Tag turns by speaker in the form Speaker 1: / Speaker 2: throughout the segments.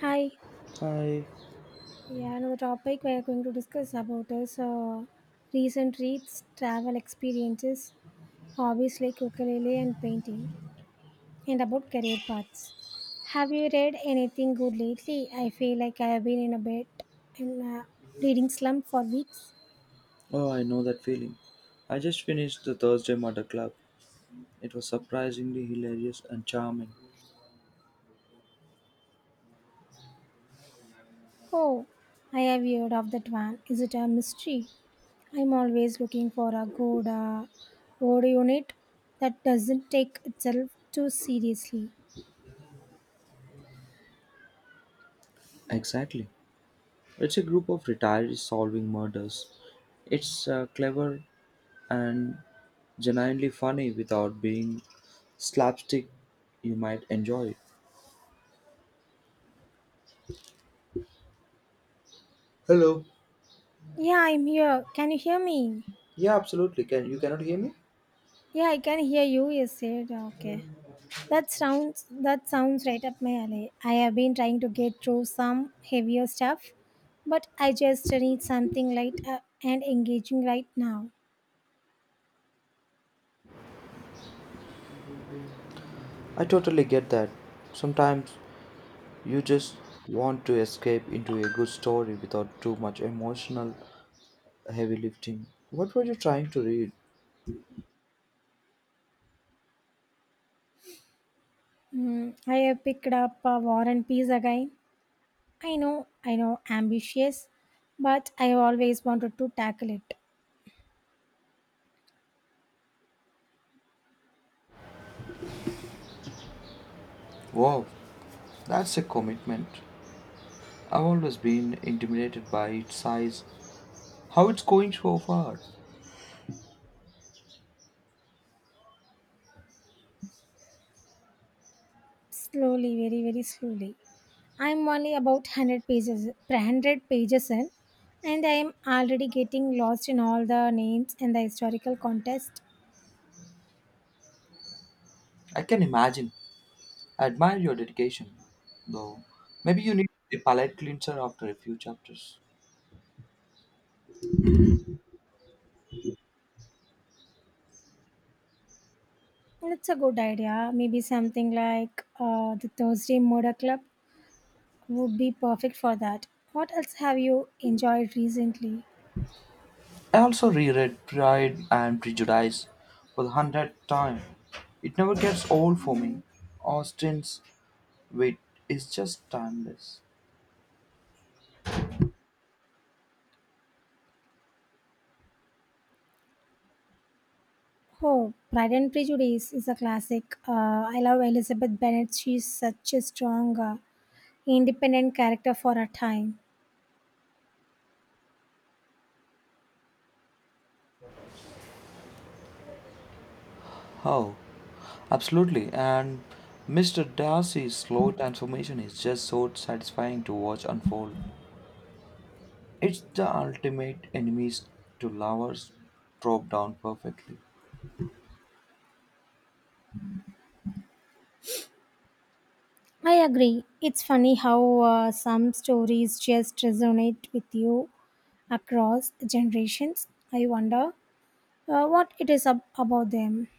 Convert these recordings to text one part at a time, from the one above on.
Speaker 1: Hi.
Speaker 2: Hi.
Speaker 1: Yeah, another topic we are going to discuss about is recent reads, travel experiences, hobbies like ukulele and painting, and about career paths. Have you read anything good lately? I feel like I have been in a reading slump for weeks.
Speaker 2: Oh, I know that feeling. I just finished the Thursday Murder Club. It was surprisingly hilarious and charming.
Speaker 1: Oh, I have heard of that one. Is it a mystery? I'm always looking for a good word unit that doesn't take itself too seriously.
Speaker 2: Exactly. It's a group of retirees solving murders. It's clever and genuinely funny without being slapstick. You might enjoy it. Hello.
Speaker 1: Yeah, I'm here. Can you hear me?
Speaker 2: Yeah, absolutely. Can you cannot hear me?
Speaker 1: Yeah, I can hear you. You said okay. That sounds right up my alley. I have been trying to get through some heavier stuff, but I just need something light and engaging right now.
Speaker 2: I totally get that. Sometimes you just want to escape into a good story without too much emotional heavy lifting. What were you trying to read?
Speaker 1: I have picked up War and Peace again. I know, ambitious, but I have always wanted to tackle it
Speaker 2: Wow, that's a commitment. I've always been intimidated by its size. How it's going so far?
Speaker 1: slowly, very, very slowly. I'm only about 100 pages in, and I am already getting lost in all the names and the historical context.
Speaker 2: I can imagine. I admire your dedication, though. Maybe you need a palate cleanser after a few chapters.
Speaker 1: That's a good idea. Maybe something like the Thursday Murder Club would be perfect for that. What else have you enjoyed recently?
Speaker 2: I also reread Pride and Prejudice for the hundredth time. It never gets old for me. Austen's wit is just timeless.
Speaker 1: Oh, Pride and Prejudice is a classic. I love Elizabeth Bennet. She's such a strong, independent character for her time.
Speaker 2: How? Absolutely, and Mr. Darcy's slow transformation is just so satisfying to watch unfold. It's the ultimate enemies to lovers drop down perfectly.
Speaker 1: I agree. It's funny how some stories just resonate with you across generations. I wonder what it is about them.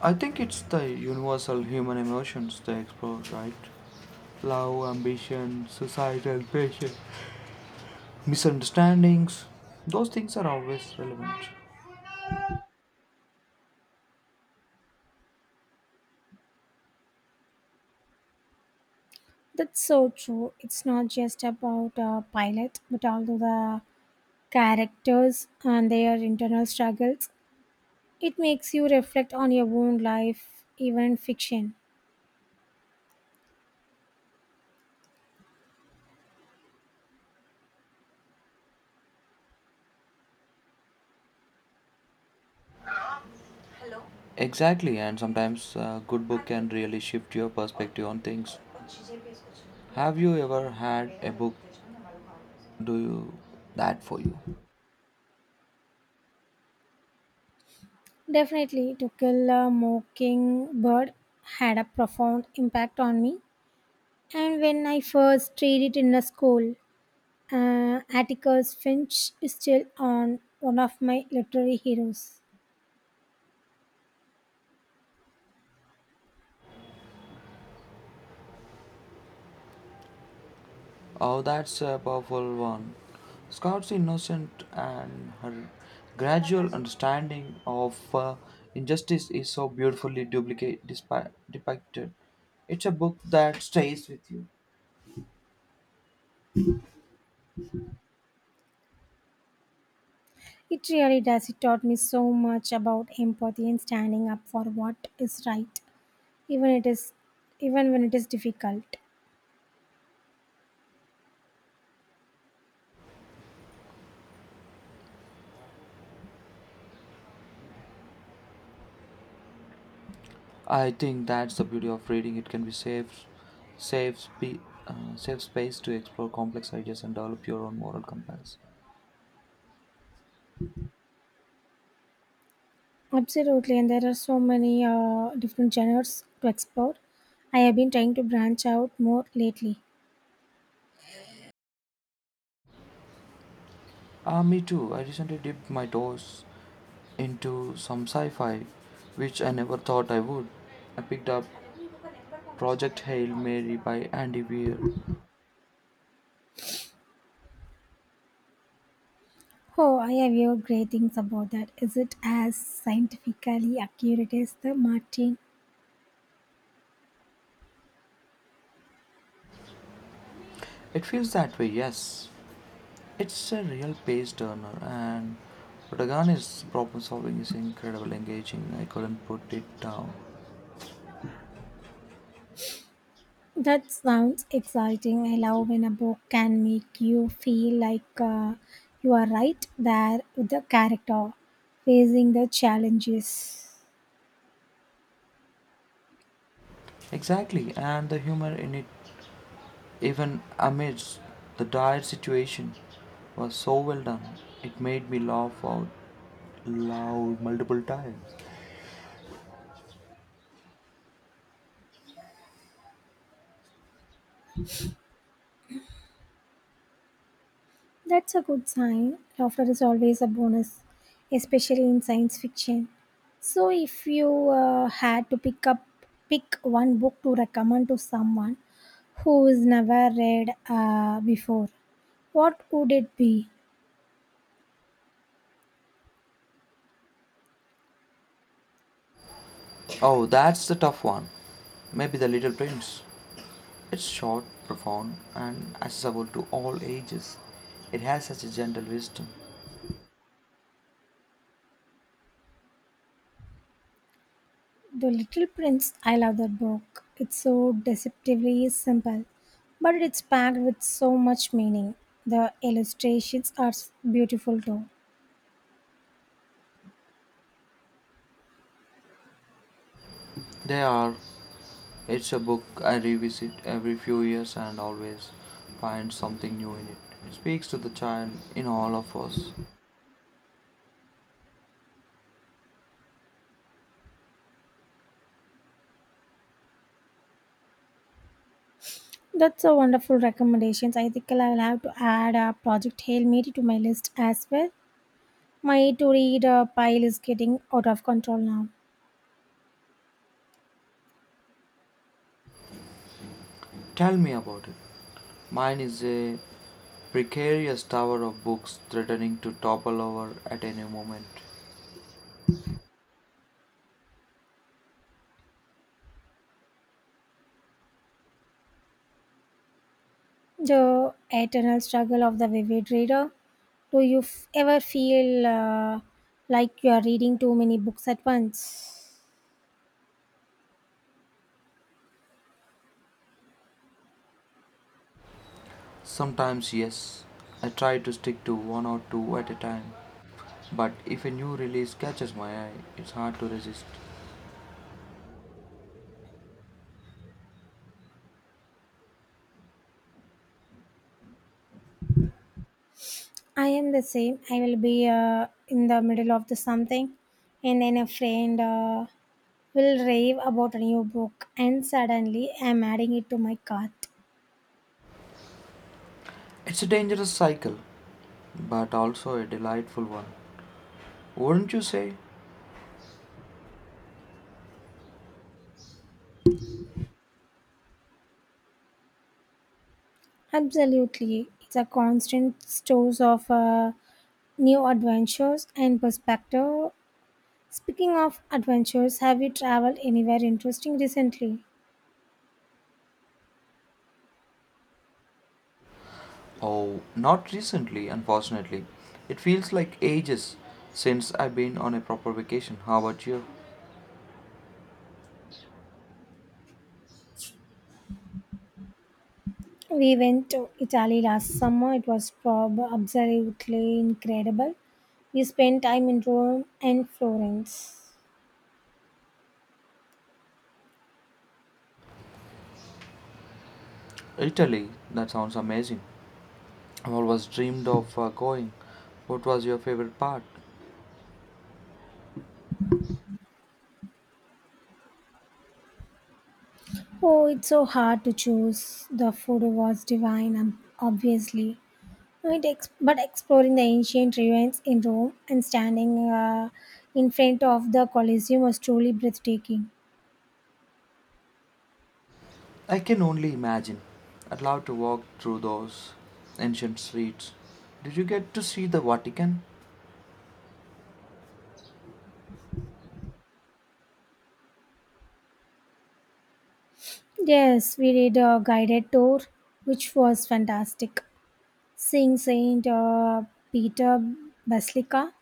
Speaker 2: I think it's the universal human emotions they explore, right? Love, ambition, societal pressure, misunderstandings. Those things are always relevant.
Speaker 1: That's so true. It's not just about pilot, but also the characters and their internal struggles. It makes you reflect on your own life, even in fiction.
Speaker 2: Exactly, and sometimes a good book can really shift your perspective on things. Have you ever had a book do you that for you?
Speaker 1: Definitely, To Kill a Mockingbird had a profound impact on me. And when I first read it in a school, Atticus Finch is still on one of my literary heroes.
Speaker 2: Oh, that's a powerful one. Scott's innocent and her gradual understanding of injustice is so beautifully depicted. It's a book that stays with you.
Speaker 1: It really does. It taught me so much about empathy and standing up for what is right, even it is, even when it is difficult.
Speaker 2: I think that's the beauty of reading. It can be safe, safe, spe- safe space to explore complex ideas and develop your own moral compass.
Speaker 1: Absolutely, and there are so many different genres to explore. I have been trying to branch out more lately.
Speaker 2: Ah, me too. I recently dipped my toes into some sci fi, which I never thought I would. I picked up Project Hail Mary by Andy Weir.
Speaker 1: Oh, I have heard great things about that. Is it as scientifically accurate as the Martin?
Speaker 2: It feels that way, yes. It's a real page turner, and Protagonist's problem solving is incredibly engaging. I couldn't put it down.
Speaker 1: That sounds exciting. I love when a book can make you feel like you are right there with the character, facing the challenges.
Speaker 2: Exactly, and the humor in it, even amidst the dire situation, was so well done. It made me laugh out loud multiple times.
Speaker 1: That's a good sign. Laughter is always a bonus, especially in science fiction. So, if you had to pick one book to recommend to someone who has never read before, what would it be?
Speaker 2: Oh, that's the tough one. Maybe The Little Prince. It's short, profound, and accessible to all ages. It has such a gentle wisdom.
Speaker 1: The Little Prince, I love that book. It's so deceptively simple, but it's packed with so much meaning. The illustrations are beautiful too.
Speaker 2: They are. It's a book I revisit every few years and always find something new in it. It speaks to the child in all of us.
Speaker 1: That's a wonderful recommendation. I think I will have to add a Project Hail Mary to my list as well. My to read pile is getting out of control now.
Speaker 2: Tell me about it. Mine is a precarious tower of books threatening to topple over at any moment.
Speaker 1: The eternal struggle of the vivid reader. Do you ever feel like you are reading too many books at once?
Speaker 2: Sometimes, yes, I try to stick to one or two at a time. But if a new release catches my eye, it's hard to resist.
Speaker 1: I am the same. I will be in the middle of the something, and then a friend will rave about a new book, and suddenly I'm adding it to my cart.
Speaker 2: It's a dangerous cycle, but also a delightful one. Wouldn't you say?
Speaker 1: Absolutely, it's a constant source of new adventures and perspective. Speaking of adventures, have you traveled anywhere interesting recently?
Speaker 2: Oh, not recently, unfortunately. It feels like ages since I've been on a proper vacation. How about you?
Speaker 1: We went to Italy last summer. It was absolutely incredible. We spent time in Rome and Florence.
Speaker 2: Italy, that sounds amazing. I've always dreamed of going. What was your favorite part?
Speaker 1: Oh, it's so hard to choose. The food was divine, obviously. No, but exploring the ancient ruins in Rome and standing in front of the Colosseum was truly breathtaking.
Speaker 2: I can only imagine. I'd love to walk through those ancient streets. Did you get to see the Vatican?
Speaker 1: Yes, we did a guided tour, which was fantastic. Seeing Saint Peter Basilica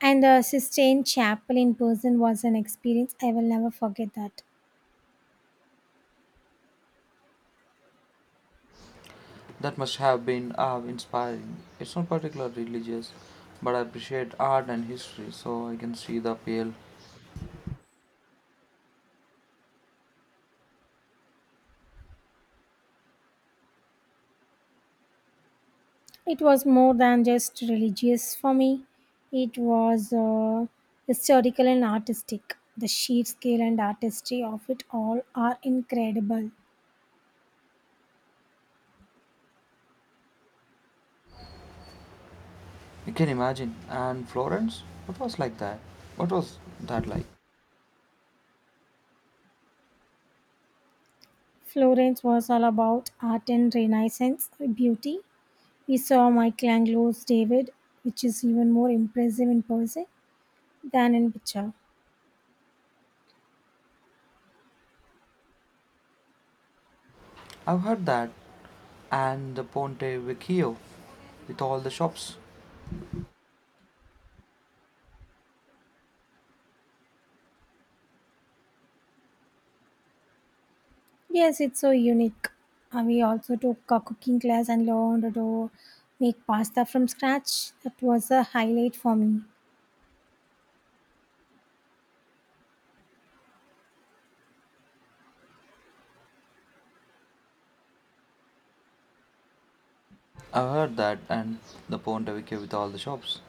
Speaker 1: and the Sistine Chapel in person was an experience I will never forget that.
Speaker 2: That must have been inspiring. It's not particularly religious, but I appreciate art and history, so I can see the appeal.
Speaker 1: It was more than just religious for me, it was historical and artistic. The sheer scale and artistry of it all are incredible.
Speaker 2: You can imagine. And Florence, what was like that? What was that like?
Speaker 1: Florence was all about art and Renaissance beauty. We saw Michelangelo's David, which is even more impressive in person than in picture.
Speaker 2: I've heard that, and the Ponte Vecchio with all the shops.
Speaker 1: Yes, it's so unique. We also took a cooking class and learned to make pasta from scratch. That was a highlight for me.
Speaker 2: I've heard that, and the Ponte Vecchio with all the shops.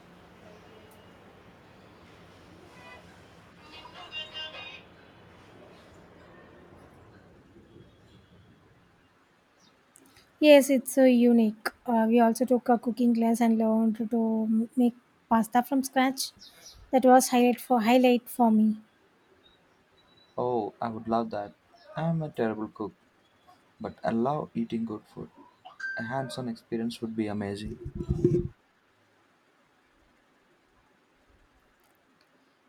Speaker 1: Yes, it's so unique. We also took a cooking class and learned to make pasta from scratch. That was highlight for me.
Speaker 2: Oh, I would love that. I'm a terrible cook, but I love eating good food. A hands-on experience would be amazing.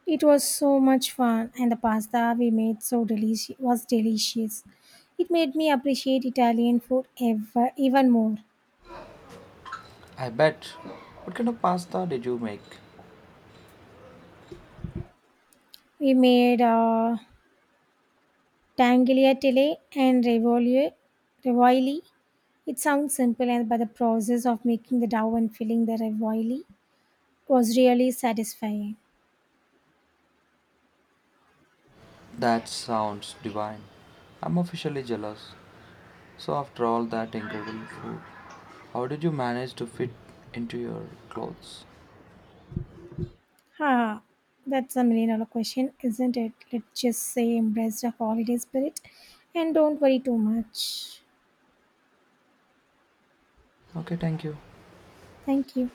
Speaker 1: It was so much fun, and the pasta we made so delicious was delicious. It made me appreciate Italian food ever even more.
Speaker 2: I bet. What kind of pasta did you make?
Speaker 1: We made Tagliatelle and ravioli. It sounds simple, and but the process of making the dough and filling the ravioli was really satisfying.
Speaker 2: That sounds divine. I'm officially jealous. So, after all that incredible food, how did you manage to fit into your clothes?
Speaker 1: Ha! That's a million dollar question, isn't it? Let's just say embrace the holiday spirit and don't worry too much.
Speaker 2: Okay, thank you.
Speaker 1: Thank you.